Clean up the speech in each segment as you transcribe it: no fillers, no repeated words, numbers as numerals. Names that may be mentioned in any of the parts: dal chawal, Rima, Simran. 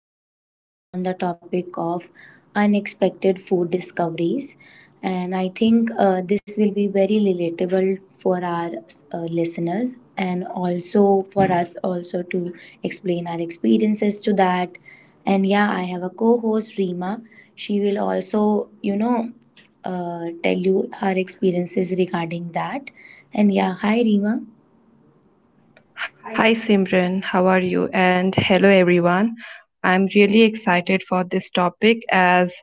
a podcast on the topic of unexpected food discoveries. And I think this will be very relatable for our listeners and also for us also to explain our experiences to that. And yeah, I have a co-host Rima. She will also, you know, tell you her experiences regarding that. And yeah, hi Rima. Hi Simran, how are you? And hello everyone. I'm really excited for this topic as,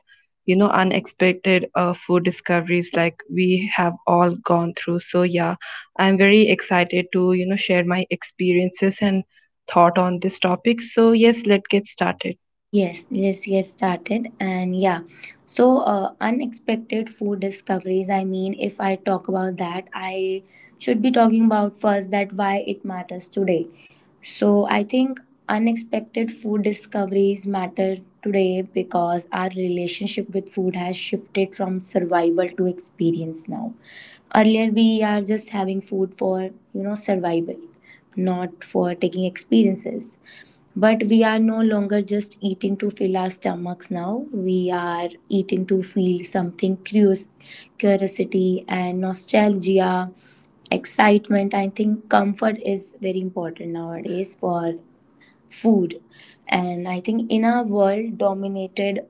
you know, unexpected food discoveries, like we have all gone through. So yeah, I'm very excited to, you know, share my experiences and thought on this topic. So yes, let's get started. Yes, let's get started. And yeah, so unexpected food discoveries. I mean, if I talk about that, I should be talking about first that why it matters today. So I think unexpected food discoveries matter today because our relationship with food has shifted from survival to experience now. Earlier, we are just having food for, you know, survival, not for taking experiences, but we are no longer just eating to fill our stomachs now. We are eating to feel something curious, curiosity and nostalgia, excitement. I think comfort is very important nowadays for food. And I think in a world dominated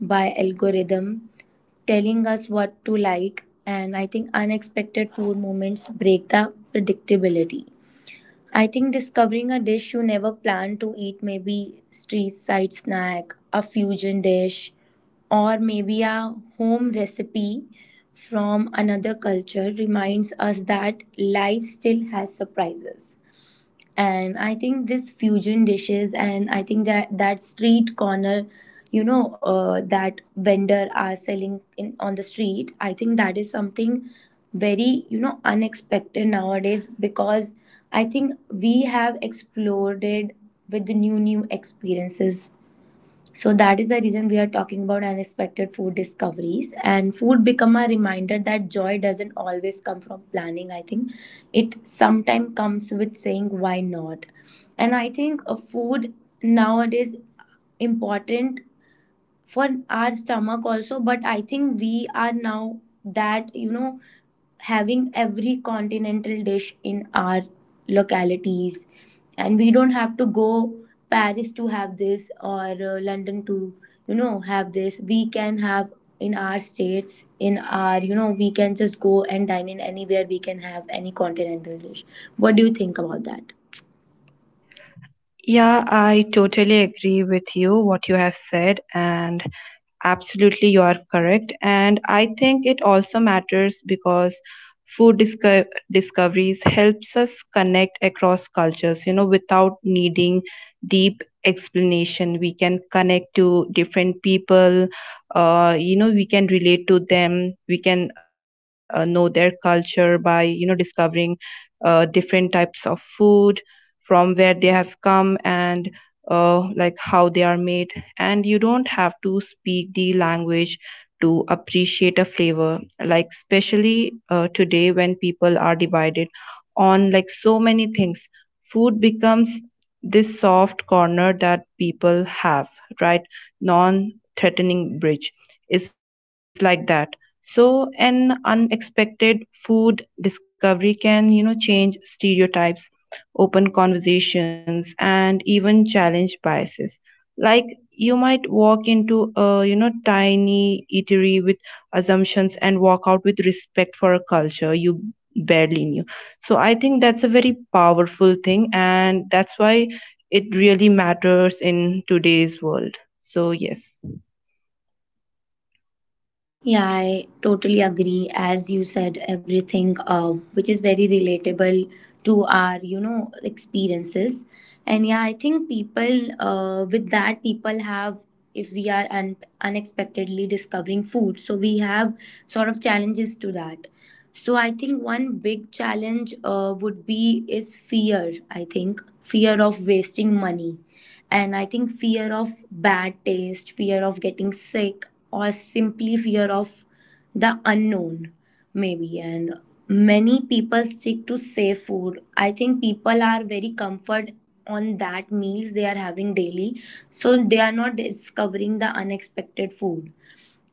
by algorithm telling us what to like, and I think unexpected food moments break the predictability. I think discovering a dish you never planned to eat, maybe street side snack, a fusion dish, or maybe a home recipe from another culture reminds us that life still has surprises. And I think this fusion dishes and I think that street corner, you know, that vendor are selling in on the street, I think that is something very, you know, unexpected nowadays because I think we have explored it with the new experiences. So that is the reason we are talking about unexpected food discoveries, and food become a reminder that joy doesn't always come from planning. I think it sometimes comes with saying why not. And I think food nowadays important for our stomach also, but I think we are now that, you know, having every continental dish in our localities, and we don't have to go Paris to have this or London to, you know, have this. We can have in our states, in our, you know, we can just go and dine in anywhere. We can have any continental dish. What do you think about that? Yeah, I totally agree with you what you have said. And absolutely, you are correct. And I think it also matters because food disco- discoveries helps us connect across cultures, you know, without needing deep explanation. We can connect to different people, you know, we can relate to them, we can know their culture by, you know, discovering different types of food from where they have come and like how they are made, and you don't have to speak the language to appreciate a flavor, like especially today when people are divided on, like, so many things. Food becomes this soft corner that people have, right? non threatening bridge, it's like that. So an unexpected food discovery can, you know, change stereotypes, open conversations, and even challenge biases. Like, you might walk into a, you know, tiny eatery with assumptions and walk out with respect for a culture you barely knew. So I think that's a very powerful thing, and that's why it really matters in today's world. So yes. Yeah, I totally agree. As you said, everything which is very relatable to our, you know, experiences. And yeah, I think people with that people have, if we are unexpectedly discovering food, so we have sort of challenges to that. So I think one big challenge would be is fear. I think fear of wasting money, and I think fear of bad taste, fear of getting sick or simply fear of the unknown, maybe. And many people stick to safe food. I think people are very comfort on that meals they are having daily, so they are not discovering the unexpected food.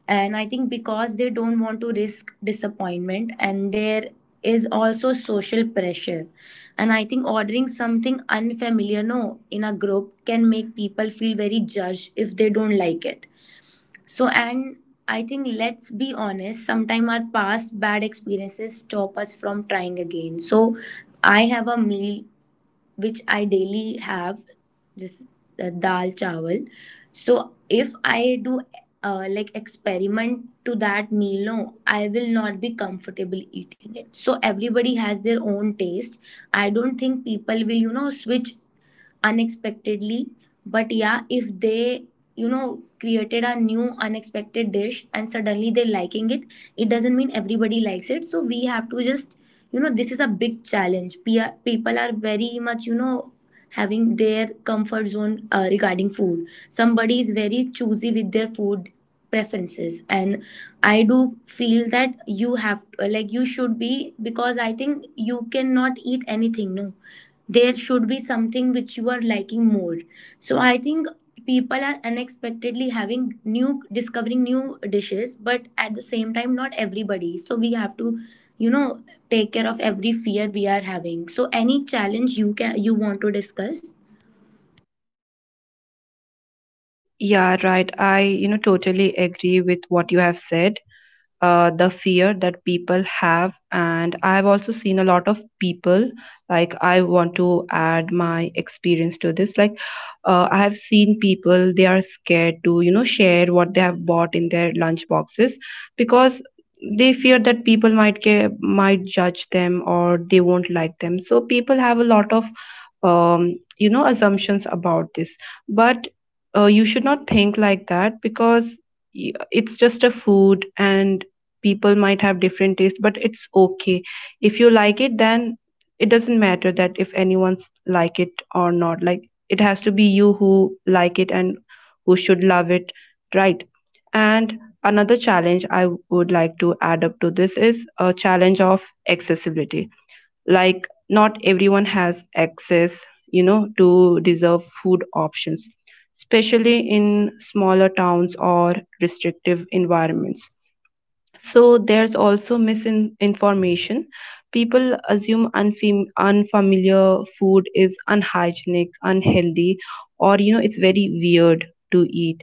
And I think because they don't want to risk disappointment, and there is also social pressure. And I think ordering something unfamiliar, no, in a group can make people feel very judged if they don't like it. So, and I think let's be honest, sometimes our past bad experiences stop us from trying again. So, I have a meal which I daily have, this dal chawal. So, if I do like experiment to that meal, no, I will not be comfortable eating it. So, everybody has their own taste. I don't think people will, you know, switch unexpectedly, but yeah, if they, you know, created a new unexpected dish and suddenly they're liking it, it doesn't mean everybody likes it. So we have to just, you know, this is a big challenge. People are very much, you know, having their comfort zone regarding food. Somebody is very choosy with their food preferences, and I do feel that you have, like you should be, because I think you cannot eat anything, no, there should be something which you are liking more. So I think people are unexpectedly having new, discovering new dishes, but at the same time not everybody. So we have to, you know, take care of every fear we are having. So any challenge you can, you want to discuss? Yeah, right. I, you know, totally agree with what you have said. The fear that people have, and I've also seen a lot of people, like, I want to add my experience to this. Like, I have seen people they are scared to, you know, share what they have bought in their lunch boxes, because they fear that people might care, might judge them, or they won't like them. So people have a lot of you know, assumptions about this. But you should not think like that, because it's just a food, and people might have different taste, but it's okay. If you like it, then it doesn't matter that if anyone's like it or not. Like, it has to be you who like it and who should love it, right? And another challenge I would like to add up to this is a challenge of accessibility. Like, not everyone has access, you know, to deserve food options, especially in smaller towns or restrictive environments. So there's also misinformation. People assume unfamiliar food is unhygienic, unhealthy, or, you know, it's very weird to eat.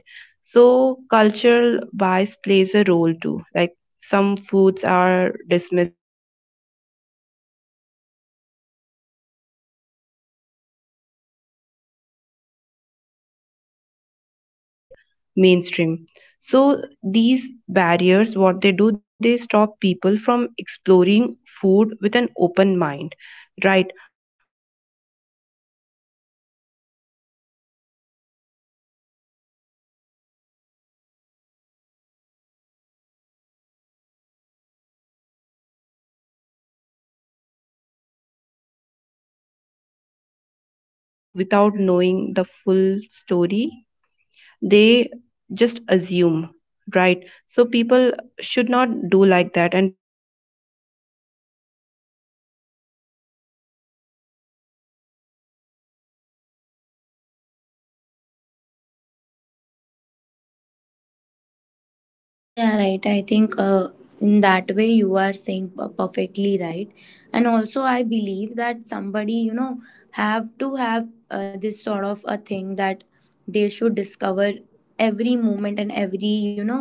So cultural bias plays a role too. Like, some foods are dismissed before being tasted simply because, you know, they look different, or, you know, come from communities that aren't mainstream. So these barriers, what they do, they stop people from exploring food with an open mind, right? So I think this has to stop, and people have to, you know, accept everything right from open heart. They should not assume before tasting, before, you know, knowing it properly, right? A lot of people do like that without knowing the full story, they just assume, right? So people should not do like that, and people should know what is this fully, and then only, you know, judge it. So yeah, so this is what I think about the challenge. Yeah, right. I think in that way you are saying perfectly right. And also, I believe that somebody, you know, have to have this sort of a thing that they should discover every moment and every, you know,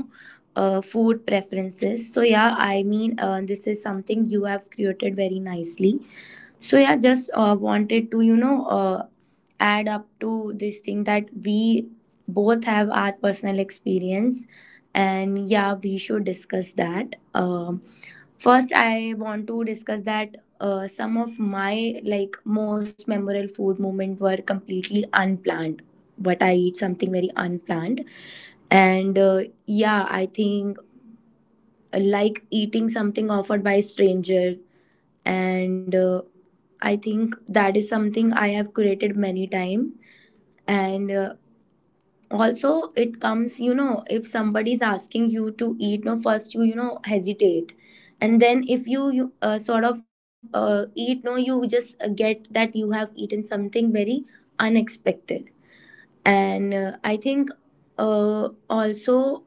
food preferences. So, yeah, I mean, this is something you have created very nicely. So, yeah, just wanted to, you know, add up to this thing that we both have our personal experience, and yeah, we should discuss that. First I want to discuss that some of my like most memorable food moment were completely unplanned, but I eat something very unplanned. And yeah, I think like eating something offered by a stranger, and I think that is something I have created many time. And also it comes, you know, if somebody is asking you to eat, no, first you, you know, hesitate, and then if you sort of eat, no, you just get that you have eaten something very unexpected. And I think also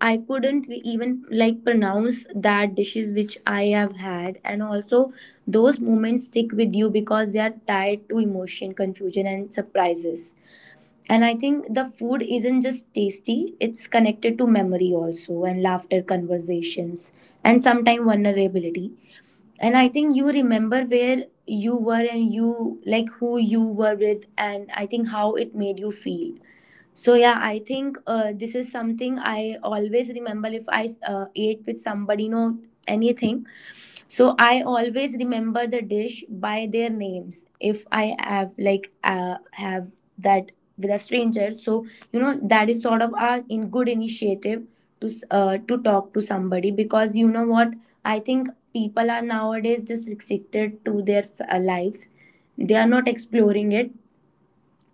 I couldn't even like pronounce that dishes which I have had, and also those moments stick with you because they are tied to emotion, confusion, and surprises. And I think the food isn't just tasty, it's connected to memory also, and laughter, conversations, and sometimes vulnerability. And I think you remember where you were and you like who you were with, and I think how it made you feel. So yeah, I think this is something I always remember if I ate with somebody, you know, anything. So I always remember the dish by their names. If I have like have that with a stranger, so you know that is sort of a in good initiative to to talk to somebody, because you know what, I think people are nowadays just restricted to their lives. They are not exploring it,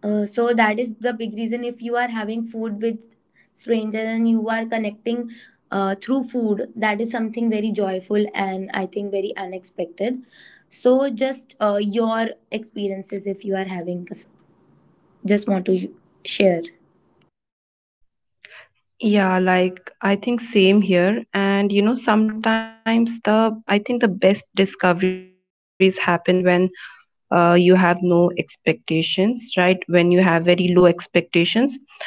so that is the big reason. If you are having food with strangers and you are connecting through food, that is something very joyful and I think very unexpected. So just your experiences if you are having, just want to share. Yeah, like, I think same here. And, you know, sometimes the I think the best discoveries happen when you have no expectations, right? When you have very low expectations,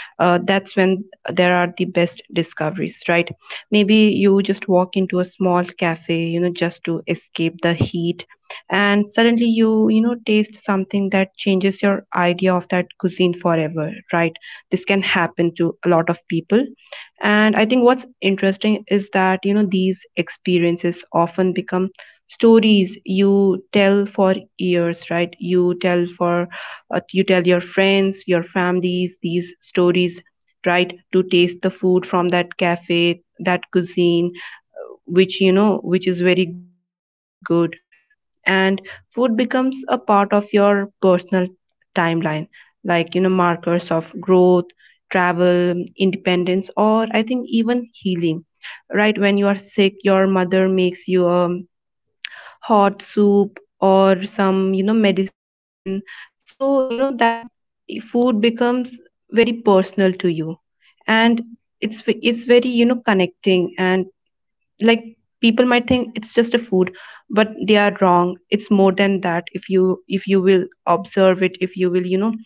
that's when there are the best discoveries, right? Maybe you just walk into a small cafe, you know, just to escape the heat, and suddenly you, you know, taste something that changes your idea of that cuisine forever, right? This can happen to a lot of people. And I think what's interesting is that, you know, these experiences often become stories you tell for years, right? You tell for, you tell your friends, your families, these stories, right? To taste the food from that cafe, that cuisine, which, you know, which is very good. And food becomes a part of your personal timeline, like, you know, markers of growth, travel, independence, or I think even healing. Right, when you are sick, your mother makes you a hot soup or some, you know, medicine. So, you know, that food becomes very personal to you. And it's very, you know, connecting, and like, people might think it's just a food, but they are wrong. It's more than that, if you, if you will observe it, if you will, you know,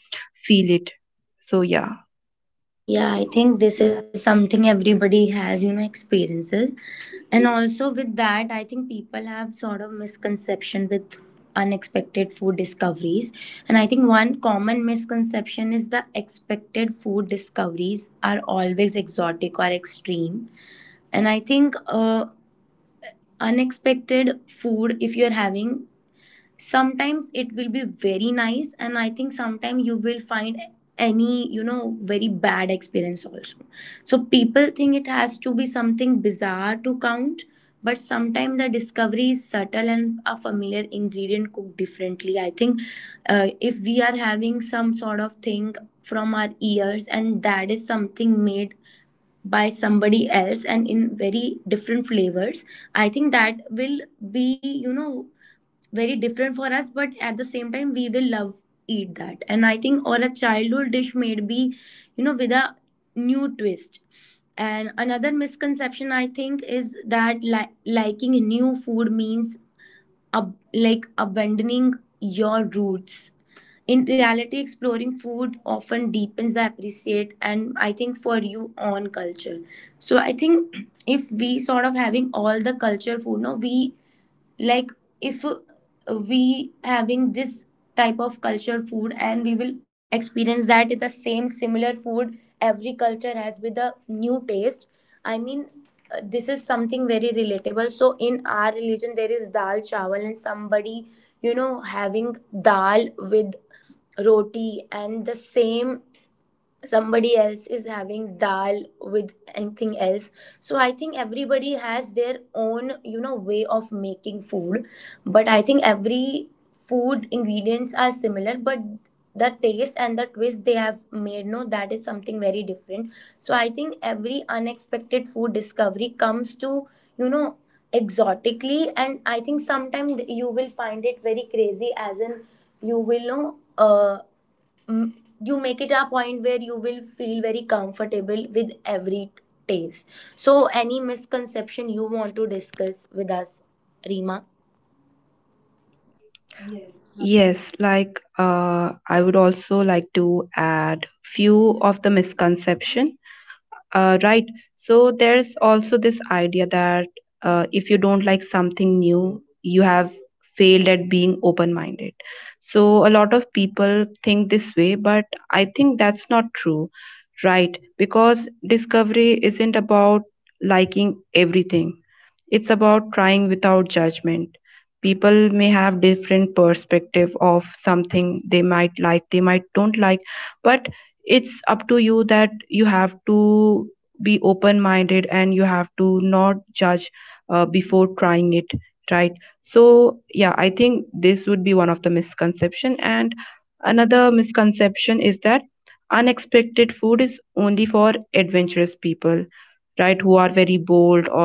feel it. So yeah. Yeah, I think this is something everybody has, you know, experiences. And also with that, I think people have sort of misconception with unexpected food discoveries. And I think one common misconception is the expected food discoveries are always exotic or extreme. And I think unexpected food, if you're having, sometimes it will be very nice, and I think sometimes you will find any, you know, very bad experience also. So people think it has to be something bizarre to count, but sometimes the discovery is subtle and a familiar ingredient cooked differently. I think if we are having some sort of thing from our ears, and that is something made by somebody else and in very different flavors, I think that will be, you know, very different for us, but at the same time we will love eat that. And I think or a childhood dish made be, you know, with a new twist. And another misconception I think is that liking new food means like abandoning your roots. In reality, exploring food often deepens the appreciate, and I think for you on culture. So I think if we sort of having all the culture food, no, we like, if we having this type of culture food, and we will experience that the same similar food every culture has with a new taste. I mean, this is something very relatable. So in our religion there is dal chawal, and somebody, you know, having dal with roti, and the same somebody else is having dal with anything else. So I think everybody has their own, you know, way of making food. But I think every food ingredients are similar, but the taste and the twist they have made, no, that is something very different. So I think every unexpected food discovery comes to, you know, exotically, and I think sometimes you will find it very crazy, as in you will know mm, you make it a point where you will feel very comfortable with every taste. So, any misconception you want to discuss with us, Rima? Yes, like, I would also like to add few of the misconception, right? So there's also this idea that if you don't like something new, you have failed at being open minded so a lot of people think this way, but I think that's not true, right? Because discovery isn't about liking everything. It's about trying without judgment. People may have different perspective of something, they might like, they might don't like, but it's up to you that you have to be open minded and you have to not judge before trying it, right? So yeah, I think this would be one of the misconception. And another misconception is that unexpected food is only for adventurous people, right? Who are very bold, or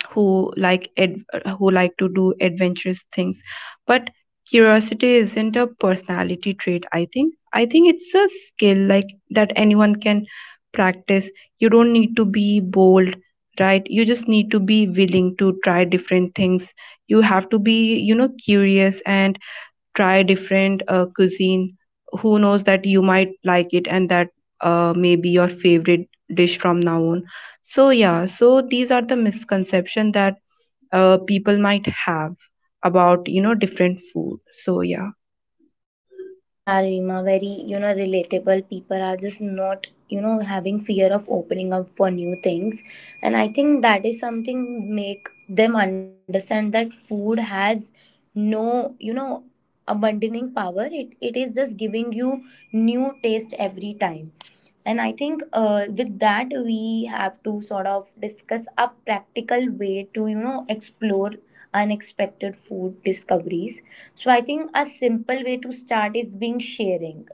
who like ad- who like to do adventurous things. But curiosity isn't a personality trait. I think it's a skill, like, that anyone can practice. You don't need to be bold, right? You just need to be willing to try different things. You have to be, you know, curious and try different cuisine. Who knows that you might like it, and that may be your favorite dish from now on. So yeah, so these are the misconception that people might have about, you know, different food. So yeah. Yeah, Rima, very, you know, relatable. People are just not, you know, having fear of opening up for new things. And I think that is something make them understand that food has no, you know, abandoning power. It is just giving you new taste every time. And I think with that we have to sort of discuss a practical way to, you know, explore unexpected food discoveries. So I think a simple way to start is being sharing.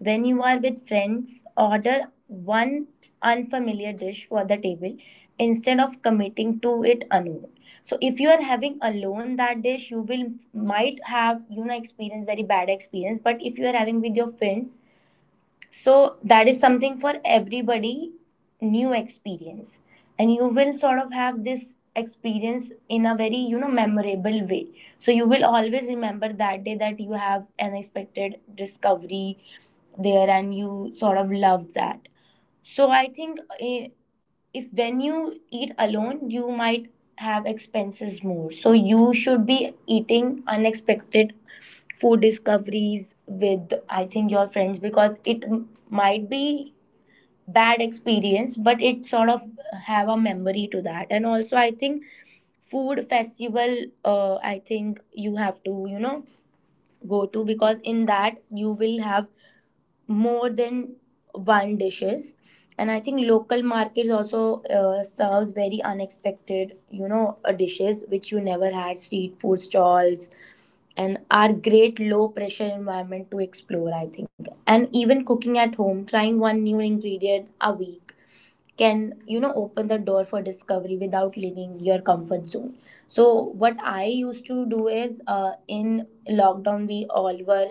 When you are with friends, order one unfamiliar dish for the table instead of committing to it alone. So if you are having alone that dish, you will might have you know experience very bad experience. But if you are having with your friends, so that is something for everybody new experience, and you will sort of have this experience in a very you know memorable way. So you will always remember that day that you have unexpected discovery there and you sort of love that. So I think if when you eat alone, you might have expenses more. So you should be eating unexpected food discoveries with I think your friends, because might be bad experience, but it sort of have a memory to that. And also, I think food festival. I think you have to you know go to, because in that you will have more than one dishes. And I think local markets also serves very unexpected you know dishes which you never had. Street food stalls and are great low pressure environment to explore, I think. And even cooking at home, trying one new ingredient a week can you know open the door for discovery without leaving your comfort zone. So what I used to do is in lockdown we all were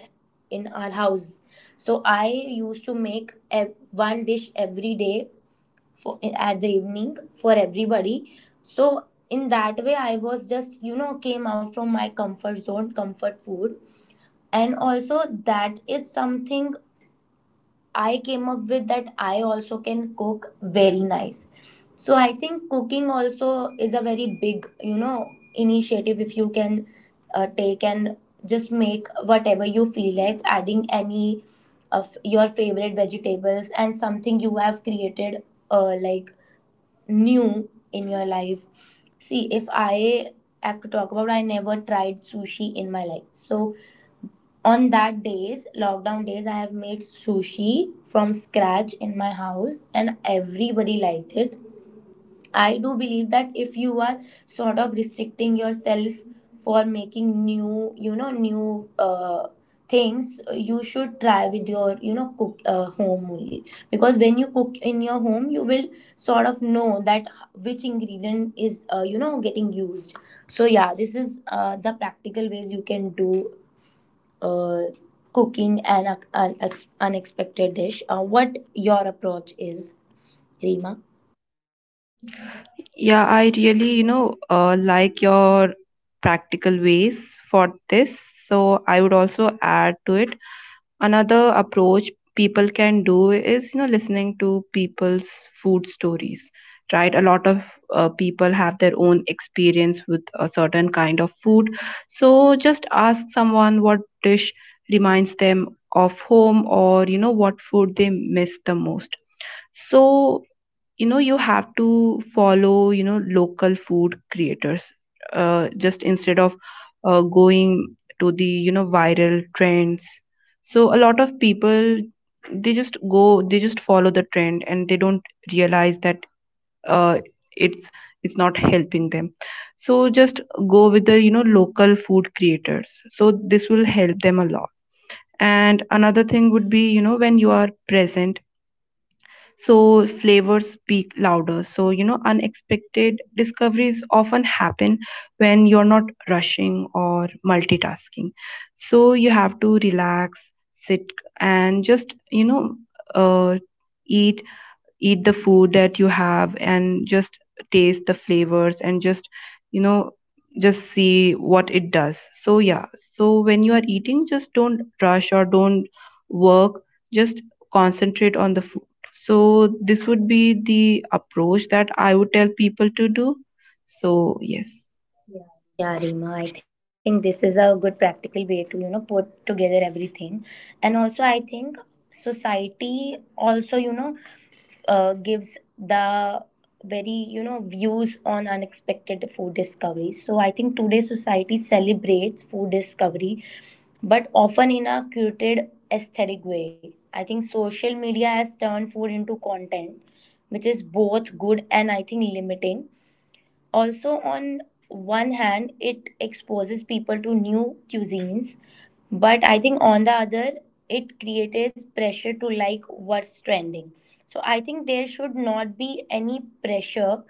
in our house. So I used to one dish every day for at the evening for everybody. So in that way, I was just you know came out from my comfort zone, comfort food, and also that is something I came up with that I also can cook very nice. So I think cooking also is a very big, you know, initiative if you can take and just make whatever you feel like, adding any of your favorite vegetables and something you have created like new in your life. See, if I have to talk about, I never tried sushi in my life. So on that days lockdown days I have made sushi from scratch in my house and everybody liked it. I do believe that if you are sort of restricting yourself for making new you know new things, you should try with your you know cook home only. Because when you cook in your home you will sort of know that which ingredient is you know getting used. So yeah, this is the practical ways you can do uh, cooking an, ac- an ex- unexpected dish, what your approach is, Rima? Yeah, I really, you know, like your practical ways for this. So I would also add to it. Another approach people can do is, you know, listening to people's food stories, right? A lot of people have their own experience with a certain kind of food. So just ask someone what dish reminds them of home, or, you know, what food they miss the most. So, you know, you have to follow, you know, local food creators, just instead of going to the, you know, viral trends. So a lot of people, they just follow the trend, and they don't realize that uh, it's it's not helping them. So just go with the, you know, local food creators, so this will help them a lot. And another thing would be, you know, when you are present, so flavors speak louder. So, you know, unexpected discoveries often happen when you're not rushing or multitasking. So you have to relax, sit, and just, you know, uh, eat eat the food that you have, and just taste the flavors, and just, you know, just see what it does. So yeah, so when you are eating, just don't rush or don't work, just concentrate on the food. So this would be the approach that I would tell people to do. So yes. Yeah, Rima, I think this is a good practical way to, you know, put together everything. And also, I think society also, you know, gives the very, you know, views on unexpected food discovery. So I think today society celebrates food discovery but often in a curated aesthetic way. I think social media has turned food into content, which is both good and I think limiting. Also, on one hand, it exposes people to new cuisines, but I think on the other it creates pressure to like what's trending. So I think there should not be any pressure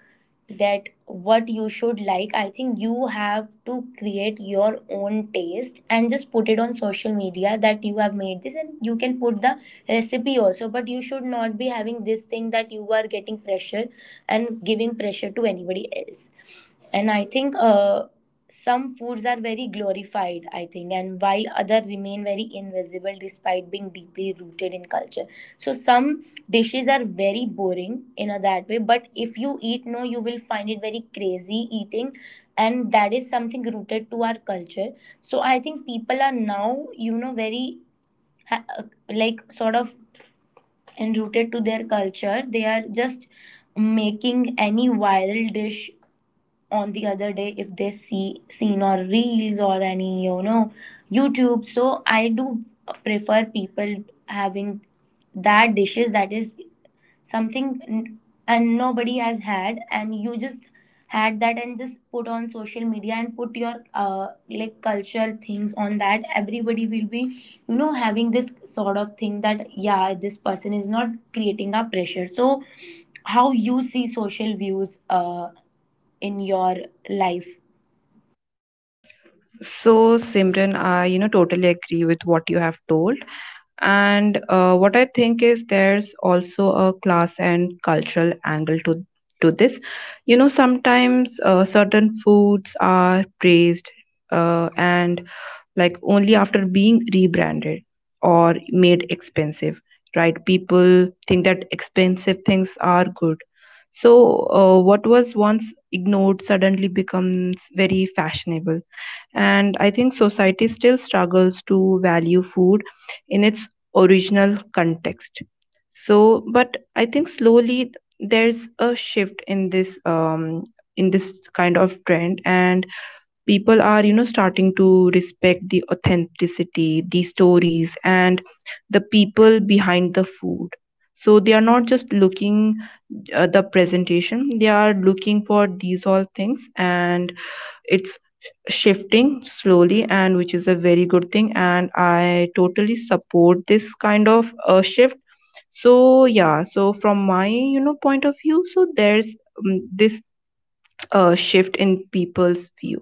that what you should like. I think you have to create your own taste and just put it on social media that you have made this, and you can put the recipe also, but you should not be having this thing that you are getting pressure and giving pressure to anybody else. And I think some foods are very glorified, I think, and while other remain very invisible despite being deeply rooted in culture. So some dishes are very boring in a that way, but if you eat no, you will find it very crazy eating, and that is something rooted to our culture. So I think people are now, you know, very ha- uh, like sort of enrooted to their culture. They are just making any viral dish on the other day if they see seen or reels or any you know YouTube. So I do prefer people having that dishes that is something and nobody has had, and you just had that and just put on social media and put your like culture things on that everybody will be you know having this sort of thing that yeah this person is not creating a pressure. So how you see social views in your life? So Simran, I, you know, totally agree with what you have told. And what I think is there's also a class and cultural angle to this. You know, sometimes certain foods are praised and like only after being rebranded or made expensive, right? People think that expensive things are good. So, what was once ignored suddenly becomes very fashionable. And I think society still struggles to value food in its original context. So, but I think slowly there's a shift in this, in this kind of trend, and people are, you know, starting to respect the authenticity, the stories, and the people behind the food. So they are not just looking the presentation, they are looking for these all things. And it's shifting slowly, and which is a very good thing, and I totally support this kind of shift. So yeah, so from my, you know, point of view, so there's this shift in people's view.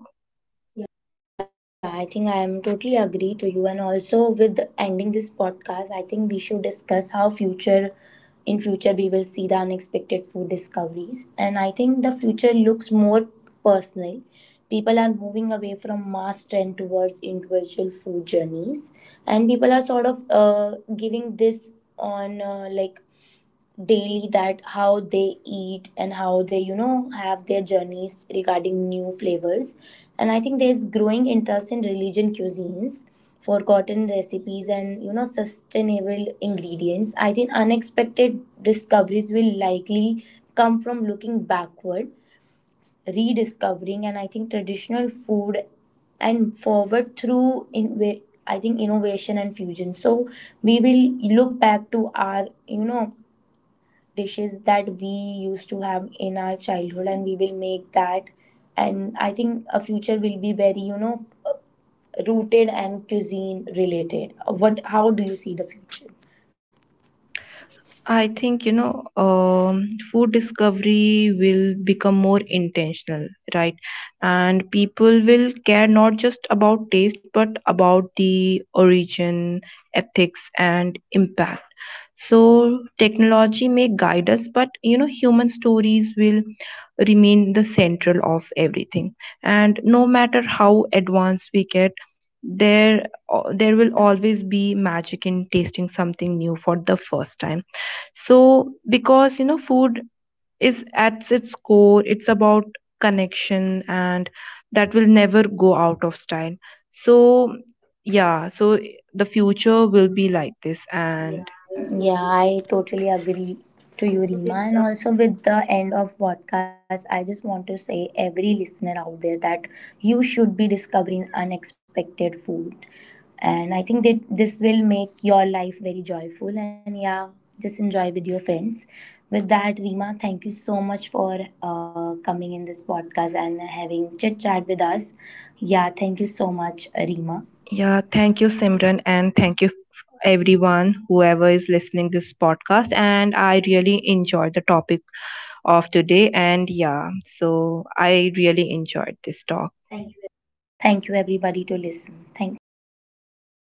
Yeah, I think I am totally agree to you. And also with ending this podcast, I think we should discuss how future in future we will see the unexpected food discoveries. And I think the future looks more personal. People are moving away from mass trend towards individual food journeys, and people are sort of giving this on like daily that how they eat and how they you know have their journeys regarding new flavors. And I think there's growing interest in religion cuisines, forgotten recipes, and you know sustainable ingredients. I think unexpected discoveries will likely come from looking backward, rediscovering and I think traditional food, and forward through in I think innovation and fusion. So we will look back to our you know dishes that we used to have in our childhood and we will make that. And I think a future will be very you know rooted and cuisine related. What, how do you see the future? I think, you know, food discovery will become more intentional, right? And people will care not just about taste, but about the origin, ethics, and impact. So technology may guide us, but, you know, human stories will remain the central of everything. And no matter how advanced we get, there there will always be magic in tasting something new for the first time. So, because, you know, food is at its core, it's about connection, and that will never go out of style. So yeah, so the future will be like this. And Yeah, I totally agree to you, Rima. And also, with the end of podcast, I just want to say every listener out there that you should be discovering unexpected food, and I think that this will make your life very joyful. And yeah, just enjoy with your friends. With that, Rima, thank you so much for coming in this podcast and having chit chat with us. Yeah, thank you so much, Rima. yeah, thank you, Simran, and thank you everyone whoever is listening this podcast, and I really enjoyed the topic of today. And yeah, so I really enjoyed this talk. Thank you everybody to listen. Thank you.